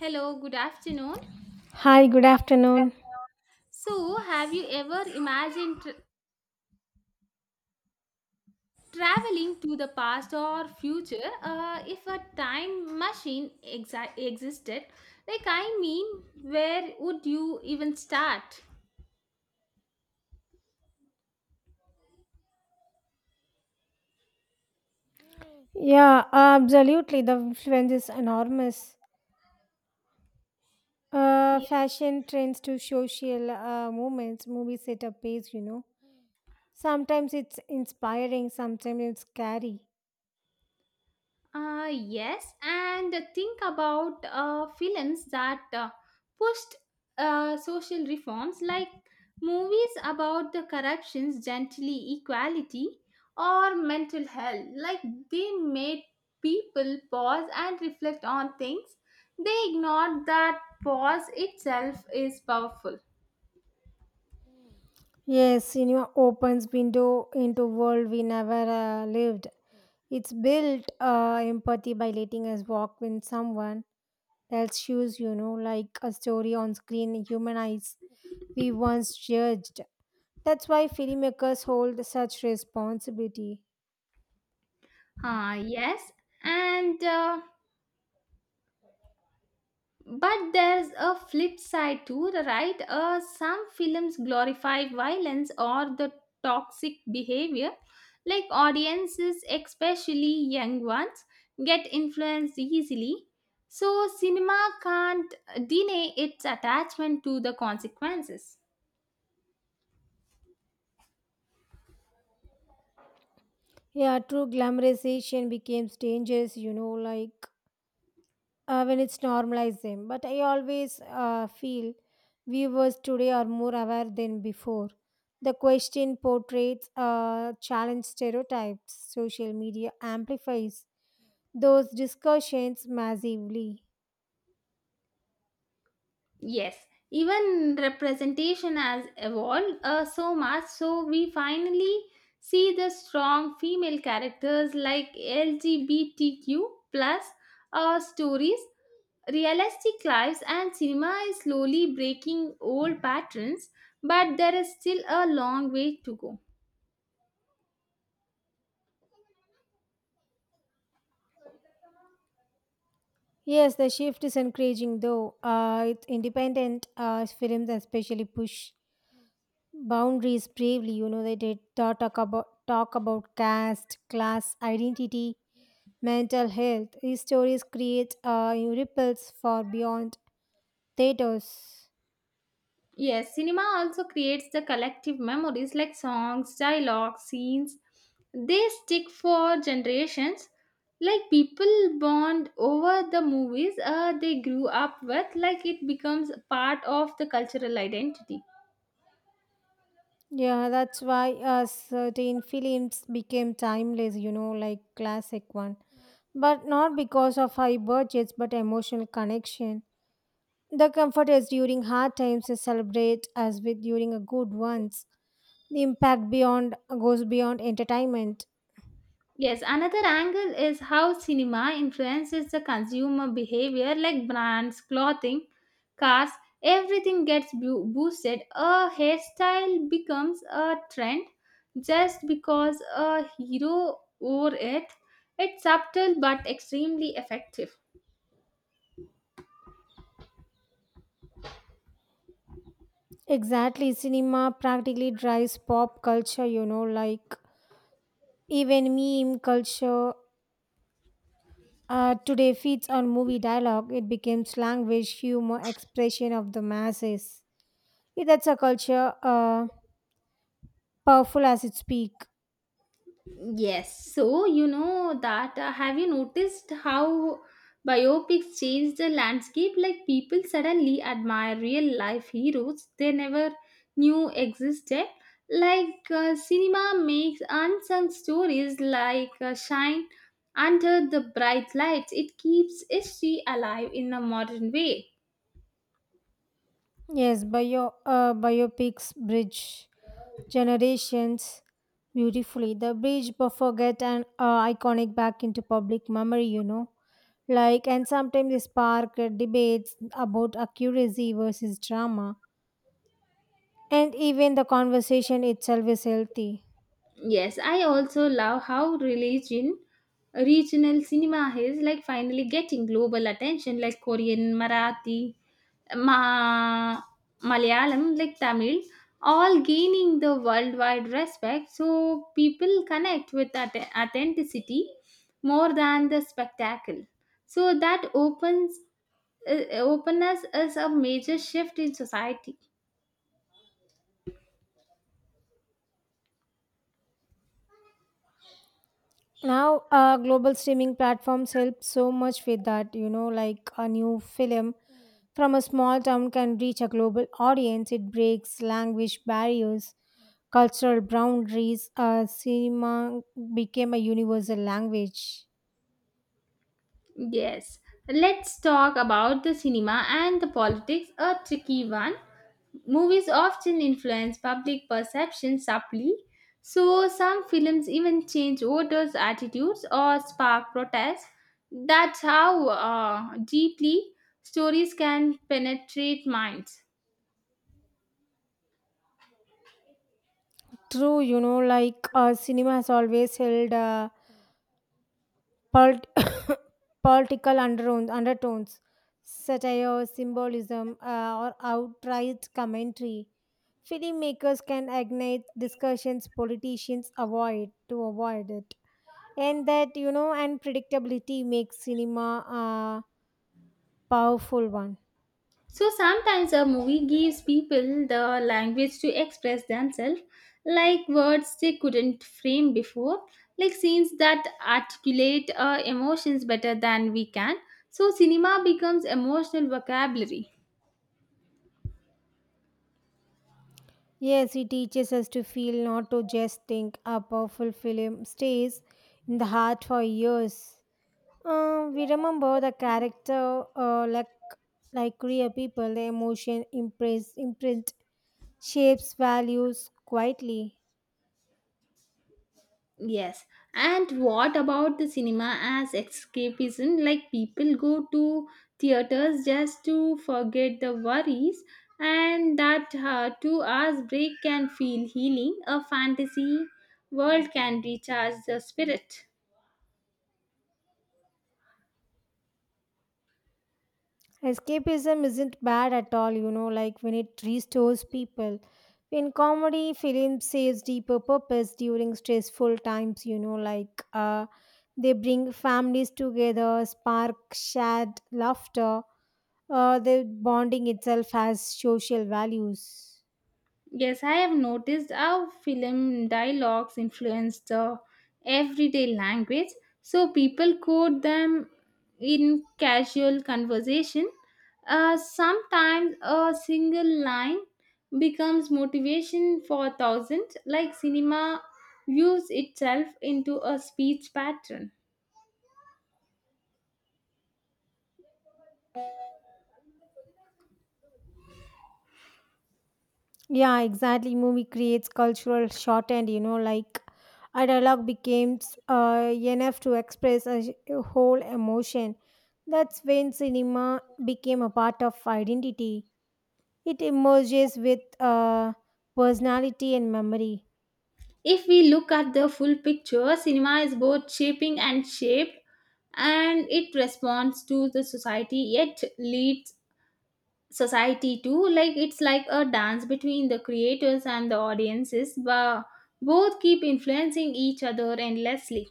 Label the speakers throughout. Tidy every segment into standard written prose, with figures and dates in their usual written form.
Speaker 1: Hello, good afternoon.
Speaker 2: Hi, good afternoon.
Speaker 1: So, have you ever imagined traveling to the past or future? If a time machine exa existed, where would you even start?
Speaker 2: Yeah, absolutely. The influence is enormous. Fashion trends to social movements, movies setup pace. Sometimes it's inspiring, sometimes it's scary.
Speaker 1: Yes, and think about films that pushed social reforms like movies about the corruptions, gently equality, or mental health. Like they made people pause and reflect on things. They ignored that pause itself is powerful.
Speaker 2: Yes, cinema opens window into world we never lived. It's built empathy by letting us walk in someone else's shoes, you know, like a story on screen humanize we once judged. That's why filmmakers hold such responsibility.
Speaker 1: Ah, yes, and but there's a flip side too, right? Some films glorify violence or the toxic behavior, like audiences, especially young ones, get influenced easily. So, cinema can't deny its attachment to the consequences.
Speaker 2: Yeah, true glamorization becomes dangerous, you know, like when it's normalized them. But I always feel viewers today are more aware than before. The question portraits challenge stereotypes. Social media amplifies those discussions massively.
Speaker 1: Yes, even representation has evolved so much, so we finally see the strong female characters like LGBTQ plus stories. Realistic lives and cinema is slowly breaking old patterns, but there is still a long way to go.
Speaker 2: Yes, the shift is encouraging though. It's independent films especially push boundaries bravely, you know, they talk about caste, class, identity, mental health. These stories create ripples far beyond theaters.
Speaker 1: Yes, cinema also creates the collective memories like songs, dialogues, scenes. They stick for generations. Like people bond over the movies they grew up with, like it becomes part of the cultural identity.
Speaker 2: Yeah, that's why certain films became timeless, you know, like classic one, but not because of high budgets, but emotional connection. The comfort is during hard times is celebrate as with during a good ones. The impact beyond goes beyond entertainment.
Speaker 1: Yes, another angle is how cinema influences the consumer behavior, like brands, clothing, cars, everything gets boosted. A hairstyle becomes a trend just because a hero wore it. It's subtle but extremely effective.
Speaker 2: Exactly, cinema practically drives pop culture, you know, like even meme culture today feeds on movie dialogue. It becomes language, humor, expression of the masses. Yeah, that's a culture powerful as its peak.
Speaker 1: Yes, so you know that have you noticed how biopics change the landscape? Like people suddenly admire real life heroes they never knew existed. Like cinema makes unsung stories like shine under the bright lights. It keeps history alive in a modern way.
Speaker 2: Yes, biopics bridge generations beautifully. The bridge forget and iconic back into public memory, you know. Like, and sometimes they spark debates about accuracy versus drama. And even the conversation itself is healthy.
Speaker 1: Yes, I also love how religion, regional cinema is like finally getting global attention, like Korean, Marathi, Ma- Malayalam, like Tamil, all gaining the worldwide respect. So people connect with authenticity more than the spectacle. So that opens openness is a major shift in society.
Speaker 2: Now, global streaming platforms help so much with that. You know, like a new film from a small town can reach a global audience. It breaks language barriers, cultural boundaries. Cinema became a universal language.
Speaker 1: Yes, let's talk about the cinema and the politics, a tricky one. Movies often influence public perception subtly, so some films even change voters' attitudes or spark protests. That's how deeply stories can penetrate minds.
Speaker 2: True, you know, like cinema has always held a Polit- political undertones, satire, symbolism, or outright commentary. Filmmakers can ignite discussions politicians avoid it. And that, you know, unpredictability makes cinema a powerful one.
Speaker 1: So sometimes a movie gives people the language to express themselves, like words they couldn't frame before, like scenes that articulate emotions better than we can. So cinema becomes emotional vocabulary.
Speaker 2: Yes, it teaches us to feel, not to just think. A powerful film stays in the heart for years. We remember the character like real people. The emotion impress imprint shapes values quietly.
Speaker 1: Yes. And what about the cinema as escapism? Like people go to theaters just to forget the worries, and that 2 hour break can feel healing. A fantasy world can recharge the spirit.
Speaker 2: Escapism isn't bad at all, you know, like when it restores people in comedy film saves deeper purpose during stressful times, you know, like they bring families together, spark shared laughter. The bonding itself has social values.
Speaker 1: Yes, I have noticed how film dialogues influence the everyday language, so people quote them in casual conversation. Sometimes a single line becomes motivation for thousands, like cinema views itself into a speech pattern.
Speaker 2: Yeah, exactly. Movie creates cultural shorthand, you know, like a dialogue becomes enough to express a whole emotion. That's when cinema became a part of identity. It emerges with personality and memory.
Speaker 1: If we look at the full picture, cinema is both shaping and shaped, and it responds to the society yet leads society too. Like it's like a dance between the creators and the audiences, but both keep influencing each other endlessly.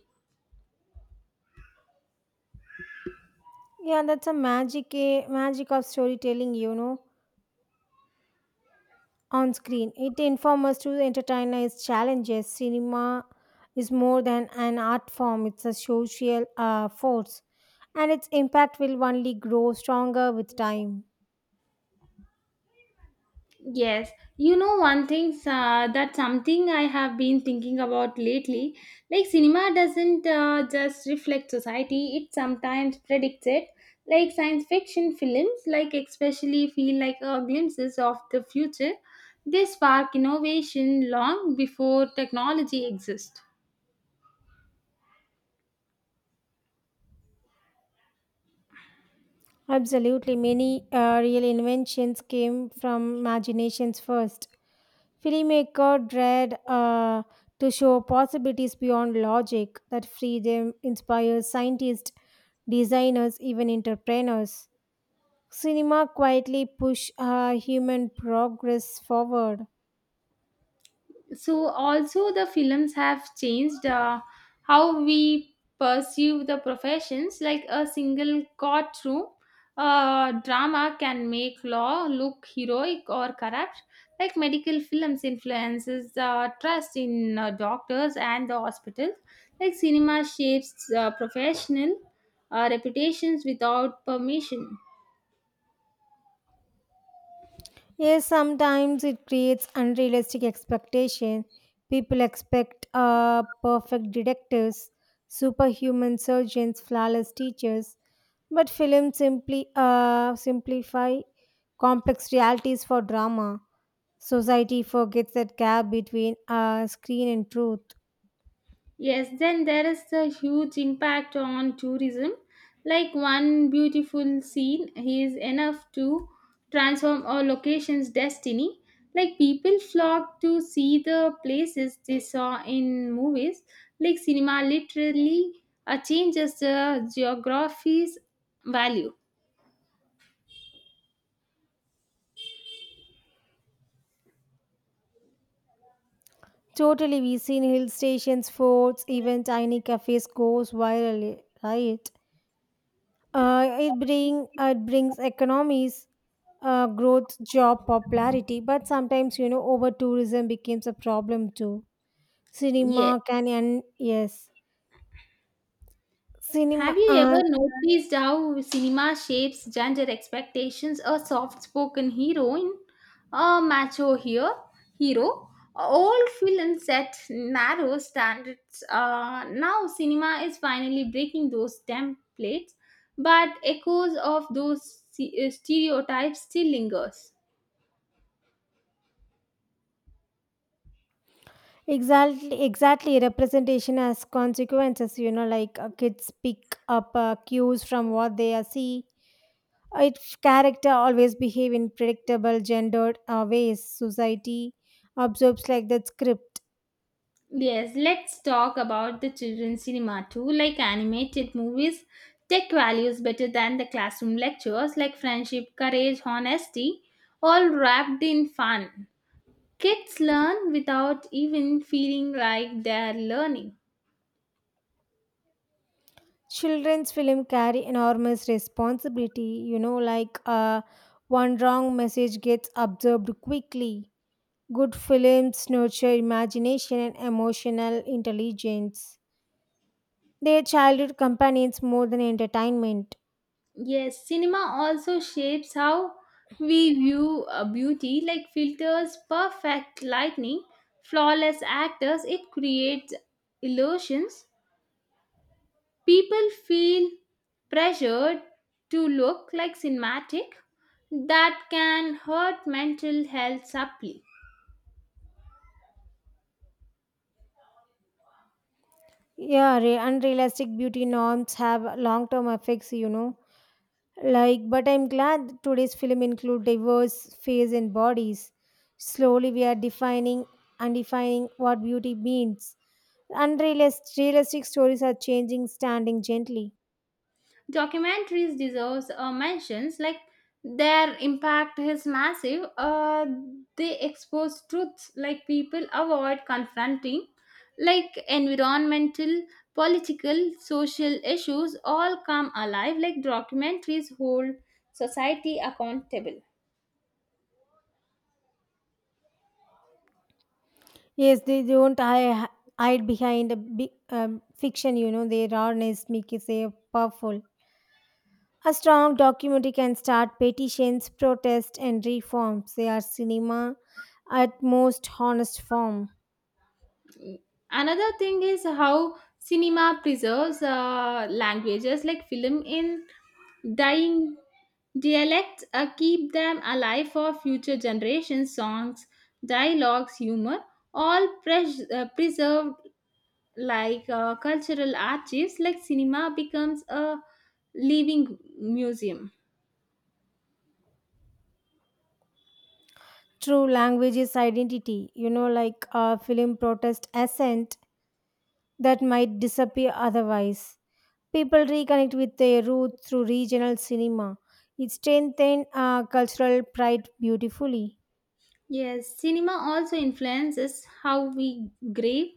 Speaker 2: Yeah, that's a magic of storytelling, you know. On screen, it informs us to entertain its challenges. Cinema is more than an art form, it's a social force, and its impact will only grow stronger with time.
Speaker 1: Yes, you know, one thing that something I have been thinking about lately, like cinema doesn't just reflect society, it sometimes predicts it. Like science fiction films like especially feel like glimpses of the future. They spark innovation long before technology exists.
Speaker 2: Absolutely, many real inventions came from imaginations first. Filmmaker dread to show possibilities beyond logic. That freedom inspires scientists, designers, even entrepreneurs. Cinema quietly push human progress forward.
Speaker 1: So also the films have changed how we pursue the professions, like a single courtroom drama can make law look heroic or corrupt. Like medical films influences the trust in doctors and the hospitals. Like cinema shapes professional reputations without permission.
Speaker 2: Yes, sometimes it creates unrealistic expectations. People expect perfect detectives, superhuman surgeons, flawless teachers, but films simply simplify complex realities for drama. Society forgets that gap between screen and truth.
Speaker 1: Yes, then there is the huge impact on tourism. Like one beautiful scene is enough to transform a location's destiny. Like people flock to see the places they saw in movies. Like cinema literally changes the geography's value.
Speaker 2: Totally, we seen hill stations, forts, even tiny cafes goes viral, right? It brings economies, growth, job popularity, but sometimes, you know, over tourism becomes a problem too.
Speaker 1: Yes.
Speaker 2: Cinema can and yes, cinema
Speaker 1: Have you ever noticed how cinema shapes gender expectations? A soft spoken heroine, a macho hero, all films set narrow standards. Now, cinema is finally breaking those templates, but echoes of those stereotypes still lingers.
Speaker 2: exactly. Exactly representation has consequences. You know, like kids pick up cues from what they are see. Its character always behave in predictable, gendered ways. Society absorbs like that script.
Speaker 1: Yes, let's talk about the children's cinema too. Like animated movies, take values better than the classroom lectures, like friendship, courage, honesty, all wrapped in fun. Kids learn without even feeling like they're learning.
Speaker 2: Children's film carry enormous responsibility, you know, like one wrong message gets absorbed quickly. Good films nurture imagination and emotional intelligence. They are childhood companions more than entertainment.
Speaker 1: Yes, cinema also shapes how we view beauty, like filters, perfect lighting, flawless actors. It creates illusions. People feel pressured to look like cinematic that can hurt mental health subtly.
Speaker 2: Yeah, unrealistic beauty norms have long term effects, you know, like, but I'm glad today's film include diverse face and bodies. Slowly we are defining and defining what beauty means. Unrealistic realistic stories are changing, standing gently.
Speaker 1: Documentaries deserves mentions like their impact is massive. They expose truths like people avoid confronting, like environmental, political, social issues all come alive. Like documentaries hold society accountable.
Speaker 2: Yes, they don't hide behind a big, fiction, you know, their rawness makes it say powerful. A strong documentary can start petitions, protests, and reforms. They are cinema at most honest form.
Speaker 1: Another thing is how cinema preserves languages, like film in dying dialects keep them alive for future generations. Songs, dialogues, humor, all preserved like cultural archives, like cinema becomes a living museum.
Speaker 2: True, language is identity, you know, like a film protest assent that might disappear otherwise. People reconnect with their roots through regional cinema. It strengthens cultural pride beautifully.
Speaker 1: Yes, cinema also influences how we grieve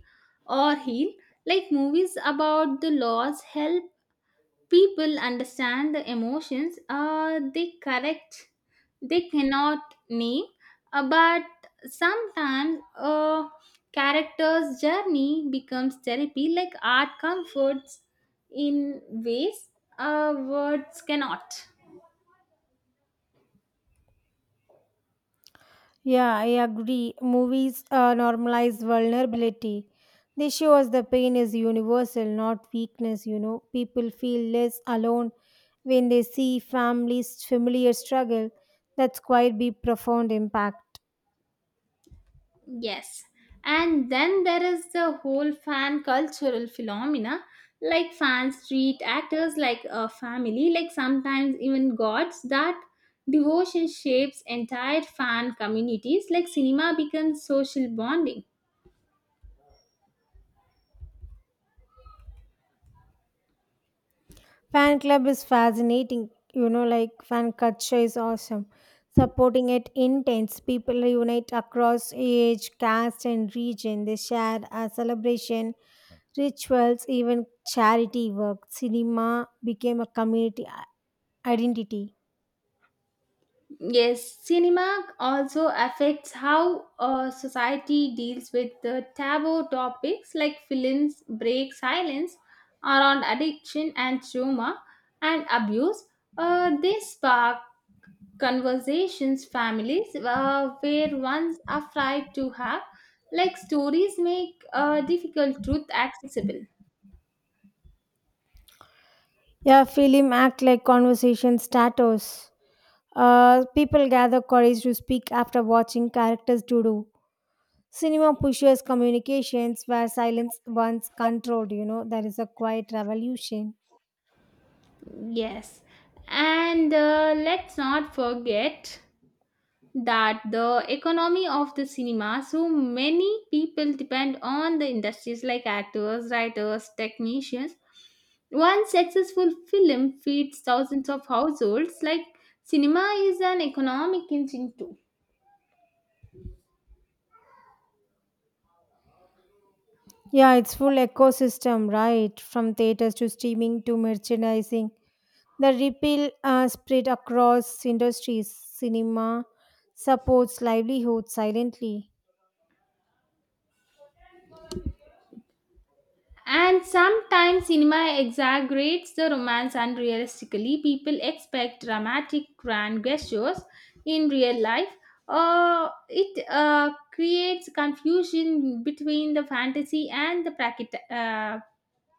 Speaker 1: or heal, like movies about the loss help people understand the emotions they correct they cannot name, but sometimes a character's journey becomes therapy, like art comforts in ways words cannot.
Speaker 2: Yeah, I agree. Movies normalize vulnerability. They show us the pain is universal, not weakness. You know, people feel less alone when they see families' familiar struggle. That's quite be profound impact.
Speaker 1: Yes. And then there is the whole fan cultural phenomena. Like fans treat actors like a family, like sometimes even gods. That devotion shapes entire fan communities. Like cinema becomes social bonding.
Speaker 2: Fan club is fascinating. You know, like fan culture is awesome. Supporting it intense. People unite across age, caste, and region. They share a celebration, rituals, even charity work. Cinema became a community identity.
Speaker 1: Yes, cinema also affects how society deals with the taboo topics, like films break silence around addiction and trauma and abuse. They spark conversations families were once afraid to have, like stories make difficult truth accessible.
Speaker 2: Yeah, film act like conversation status. People gather courage to speak after watching characters do. Cinema pushes communications where silence once controlled, you know, there is a quiet revolution.
Speaker 1: Yes, and let's not forget that the economy of the cinema, so many people depend on the industries, like actors, writers, technicians. One successful film feeds thousands of households. Like cinema is an economic engine too.
Speaker 2: Yeah, it's full ecosystem, right? From theaters to streaming to merchandising. The ripple spread across industries. Cinema supports livelihood silently.
Speaker 1: And sometimes cinema exaggerates the romance unrealistically. People expect dramatic grand gestures in real life. It creates confusion between the fantasy and the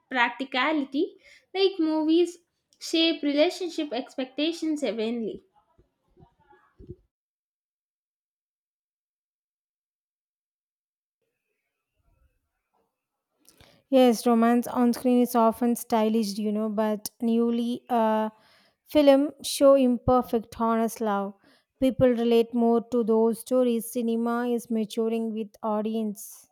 Speaker 1: practicality. Like movies shape relationship expectations heavenly.
Speaker 2: Yes, romance on screen is often stylized, you know, but newly film show imperfect, honest love. People relate more to those stories. Cinema is maturing with audience.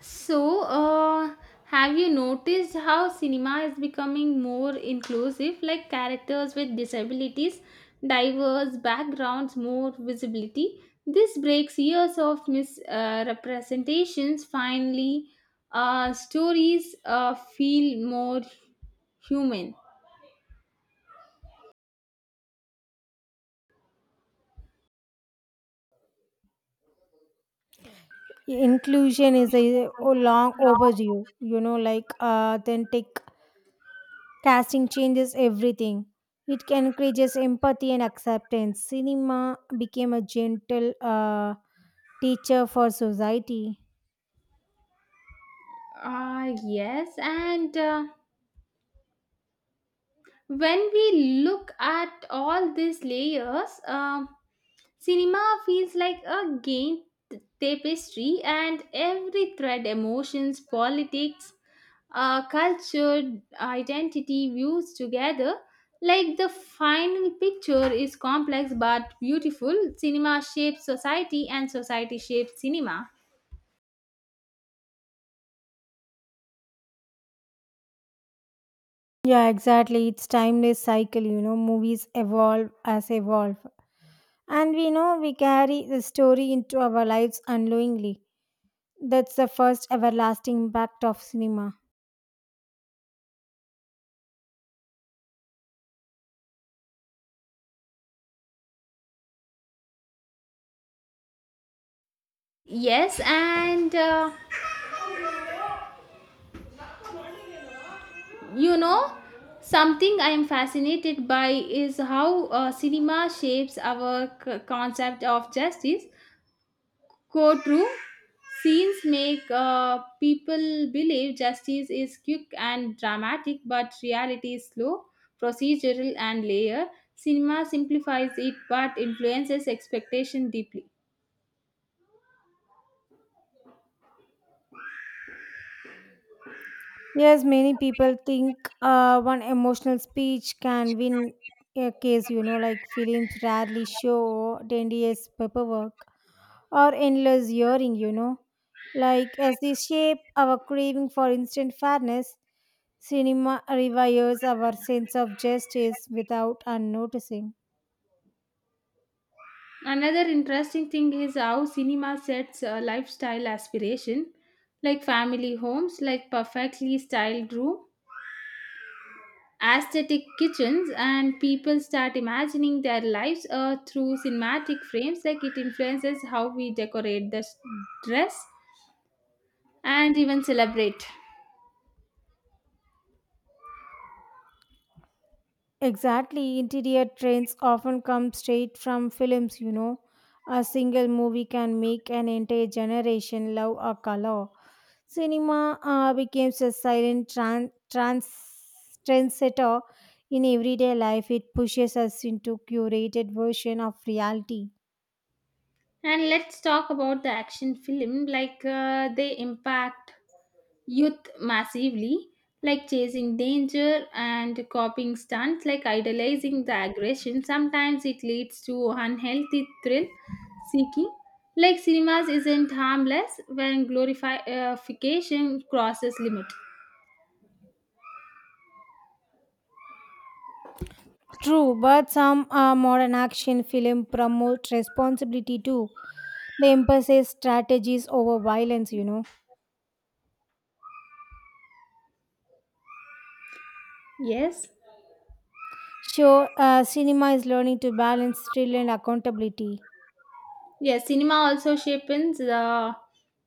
Speaker 1: So, have you noticed how cinema is becoming more inclusive, like characters with disabilities, diverse backgrounds, more visibility? This breaks years of misrepresentations. Finally, stories feel more human.
Speaker 2: Inclusion is a long overdue, you know, like authentic casting changes everything. It can encourages empathy and acceptance. Cinema became a gentle teacher for society.
Speaker 1: Ah yes, and when we look at all these layers, cinema feels like a game tapestry, and every thread, emotions, politics, culture, identity, views together. Like the final picture is complex but beautiful. Cinema shapes society, and society shapes cinema.
Speaker 2: Yeah, exactly. It's timeless cycle, you know, movies evolve as evolve. And we know we carry the story into our lives unknowingly. That's the first everlasting impact of cinema.
Speaker 1: Yes, and you know, something I am fascinated by is how cinema shapes our concept of justice. Courtroom scenes make people believe justice is quick and dramatic, but reality is slow, procedural, and layered. Cinema simplifies it but influences expectation deeply.
Speaker 2: Yes, many people think one emotional speech can win a case, you know, like films rarely show tedious paperwork or endless hearing, you know. Like as they shape our craving for instant fairness, cinema rewires our sense of justice without unnoticing.
Speaker 1: Another interesting thing is how cinema sets lifestyle aspiration, like family homes, like perfectly styled room aesthetic kitchens, and people start imagining their lives through cinematic frames. Like it influences how we decorate, the dress, and even celebrate.
Speaker 2: Exactly, interior trends often come straight from films, you know. A single movie can make an entire generation love a color. Cinema becomes a silent trendsetter in everyday life. It pushes us into curated version of reality.
Speaker 1: And let's talk about the action film, like they impact youth massively, like chasing danger and copying stunts, like idolizing the aggression. Sometimes it leads to unhealthy thrill seeking. Like cinemas isn't harmless when glorification crosses limit.
Speaker 2: True, but some modern action film promote responsibility too. They emphasize strategies over violence, you know.
Speaker 1: Yes.
Speaker 2: So, cinema is learning to balance thrill and accountability.
Speaker 1: Yes, cinema also shapes the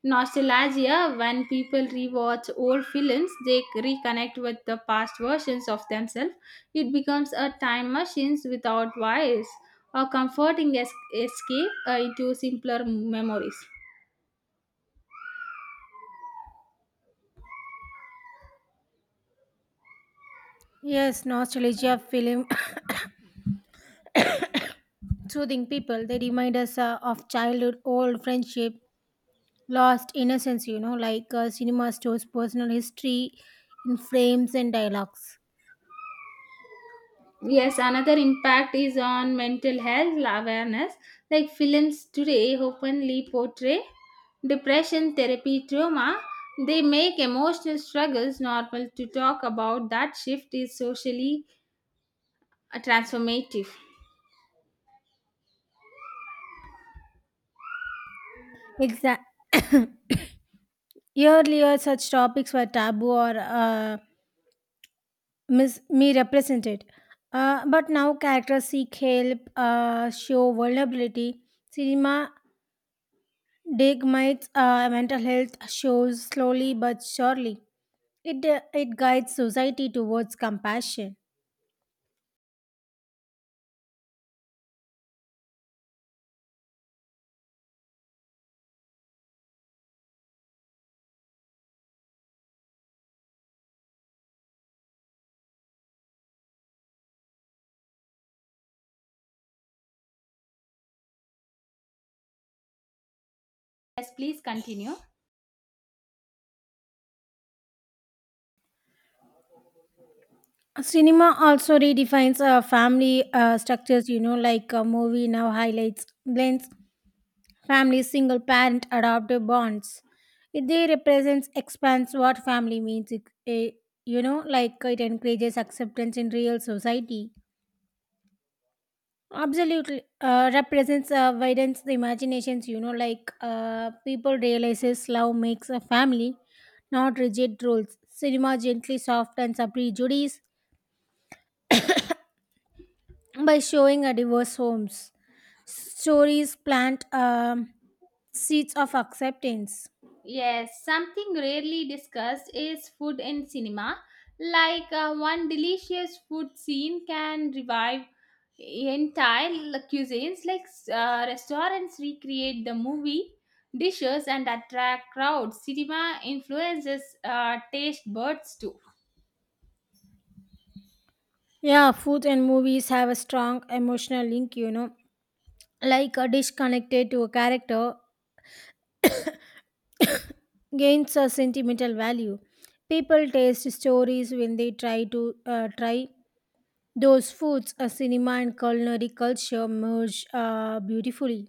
Speaker 1: nostalgia. When people rewatch old films, they reconnect with the past versions of themselves. It becomes a time machine without wires, a comforting escape into simpler memories.
Speaker 2: Yes, nostalgia film soothing people. They remind us of childhood, old friendship, lost innocence, you know, like cinema stores personal history in frames and dialogues.
Speaker 1: Yes, another impact is on mental health awareness. Like films today openly portray depression, therapy, trauma. They make emotional struggles normal to talk about. That shift is socially transformative.
Speaker 2: Exactly. Earlier, such topics were taboo or misrepresented. But now characters seek help, show vulnerability. Cinema deignites mental health shows slowly but surely. It guides society towards compassion.
Speaker 1: Yes, please continue.
Speaker 2: Cinema also redefines family structures, you know, like a movie now highlights blends family, single parent, adoptive bonds. It they represents expands what family means. You know, like it encourages acceptance in real society. Absolutely, represents widens the imaginations. You know, like people realizes love makes a family, not rigid rules. Cinema gently softens a prejudice by showing a diverse homes. Stories plant seeds of acceptance.
Speaker 1: Yes, something rarely discussed is food in cinema. Like one delicious food scene can revive entire cuisines, like restaurants recreate the movie dishes and attract crowds. Cinema influences taste buds too.
Speaker 2: Yeah, food and movies have a strong emotional link, you know. Like a dish connected to a character gains a sentimental value. People taste stories when they try to try those foods. A cinema and culinary culture merge beautifully.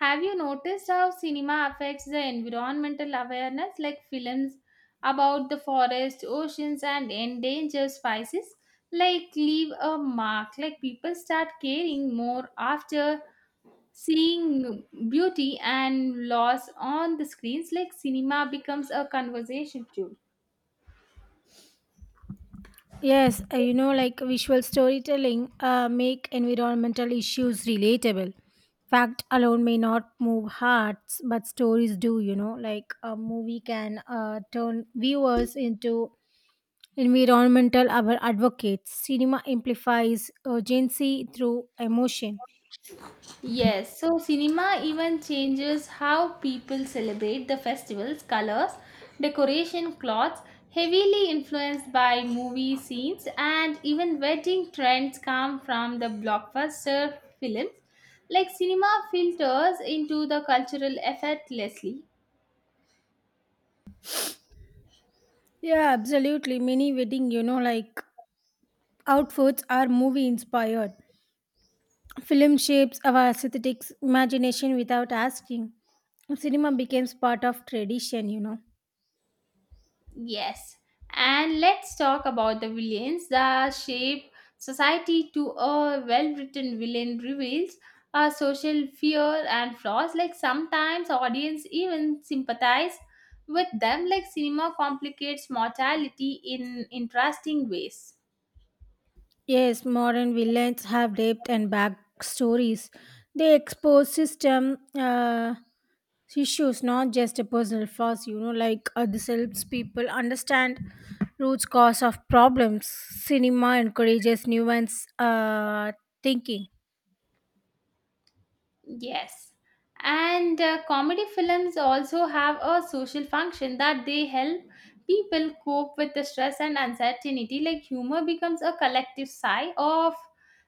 Speaker 1: Have you noticed how cinema affects the environmental awareness, like films about the forest, oceans, and endangered species? Like, leave a mark. Like, people start caring more after seeing beauty and loss on the screens. Like, cinema becomes a conversation tool.
Speaker 2: Yes, you know, like visual storytelling make environmental issues relatable. Fact alone may not move hearts, but stories do. You know, like a movie can turn viewers into environmental advocates. Cinema amplifies urgency through emotion.
Speaker 1: Yes, so cinema even changes how people celebrate the festival's colors, decoration, clothes, heavily influenced by movie scenes, and even wedding trends come from the blockbuster films. Like cinema filters into the cultural effortlessly.
Speaker 2: Yeah, absolutely. Many wedding, you know, like outfits are movie inspired. Film shapes our aesthetic imagination without asking. Cinema becomes part of tradition, you know.
Speaker 1: Yes, and let's talk about the villains that shape society to a well written villain reveals our social fear and flaws. Like sometimes audience even sympathize with them, like cinema complicates mortality in interesting ways.
Speaker 2: Yes, modern villains have depth and backstories. They expose system issues, not just a personal flaws, you know, like this helps people understand root cause of problems. Cinema encourages nuanced thinking.
Speaker 1: Yes. And comedy films also have a social function that they help people cope with the stress and uncertainty. Like humor becomes a collective sigh of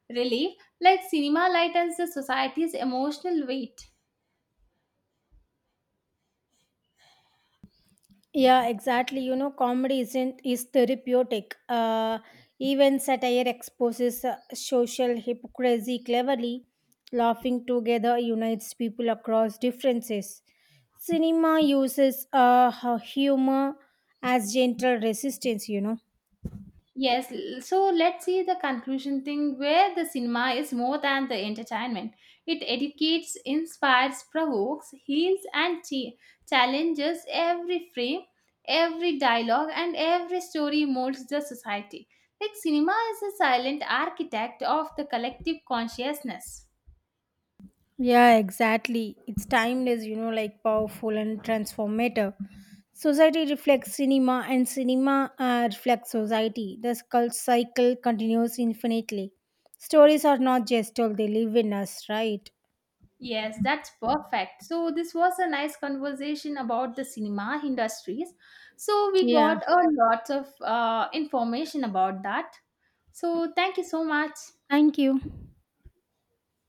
Speaker 1: relief, like cinema lightens the society's emotional weight.
Speaker 2: Yeah, exactly. You know, comedy isn't is therapeutic. Even satire exposes social hypocrisy cleverly. Laughing together unites people across differences. Cinema uses humor as gentle resistance. You know.
Speaker 1: Yes, so let's see the conclusion thing where the cinema is more than the entertainment. It educates, inspires, provokes, heals, and challenges every frame, every dialogue, and every story molds the society. Like, cinema is a silent architect of the collective consciousness.
Speaker 2: Yeah, exactly. It's timeless, you know, like powerful and transformative. Society reflects cinema, and cinema reflects society. The cult cycle continues infinitely. Stories are not just told, they live in us, right?
Speaker 1: Yes, that's perfect. So this was a nice conversation about the cinema industries. So we
Speaker 2: Yeah.
Speaker 1: got a lot of information about that. So thank you so much.
Speaker 2: Thank you.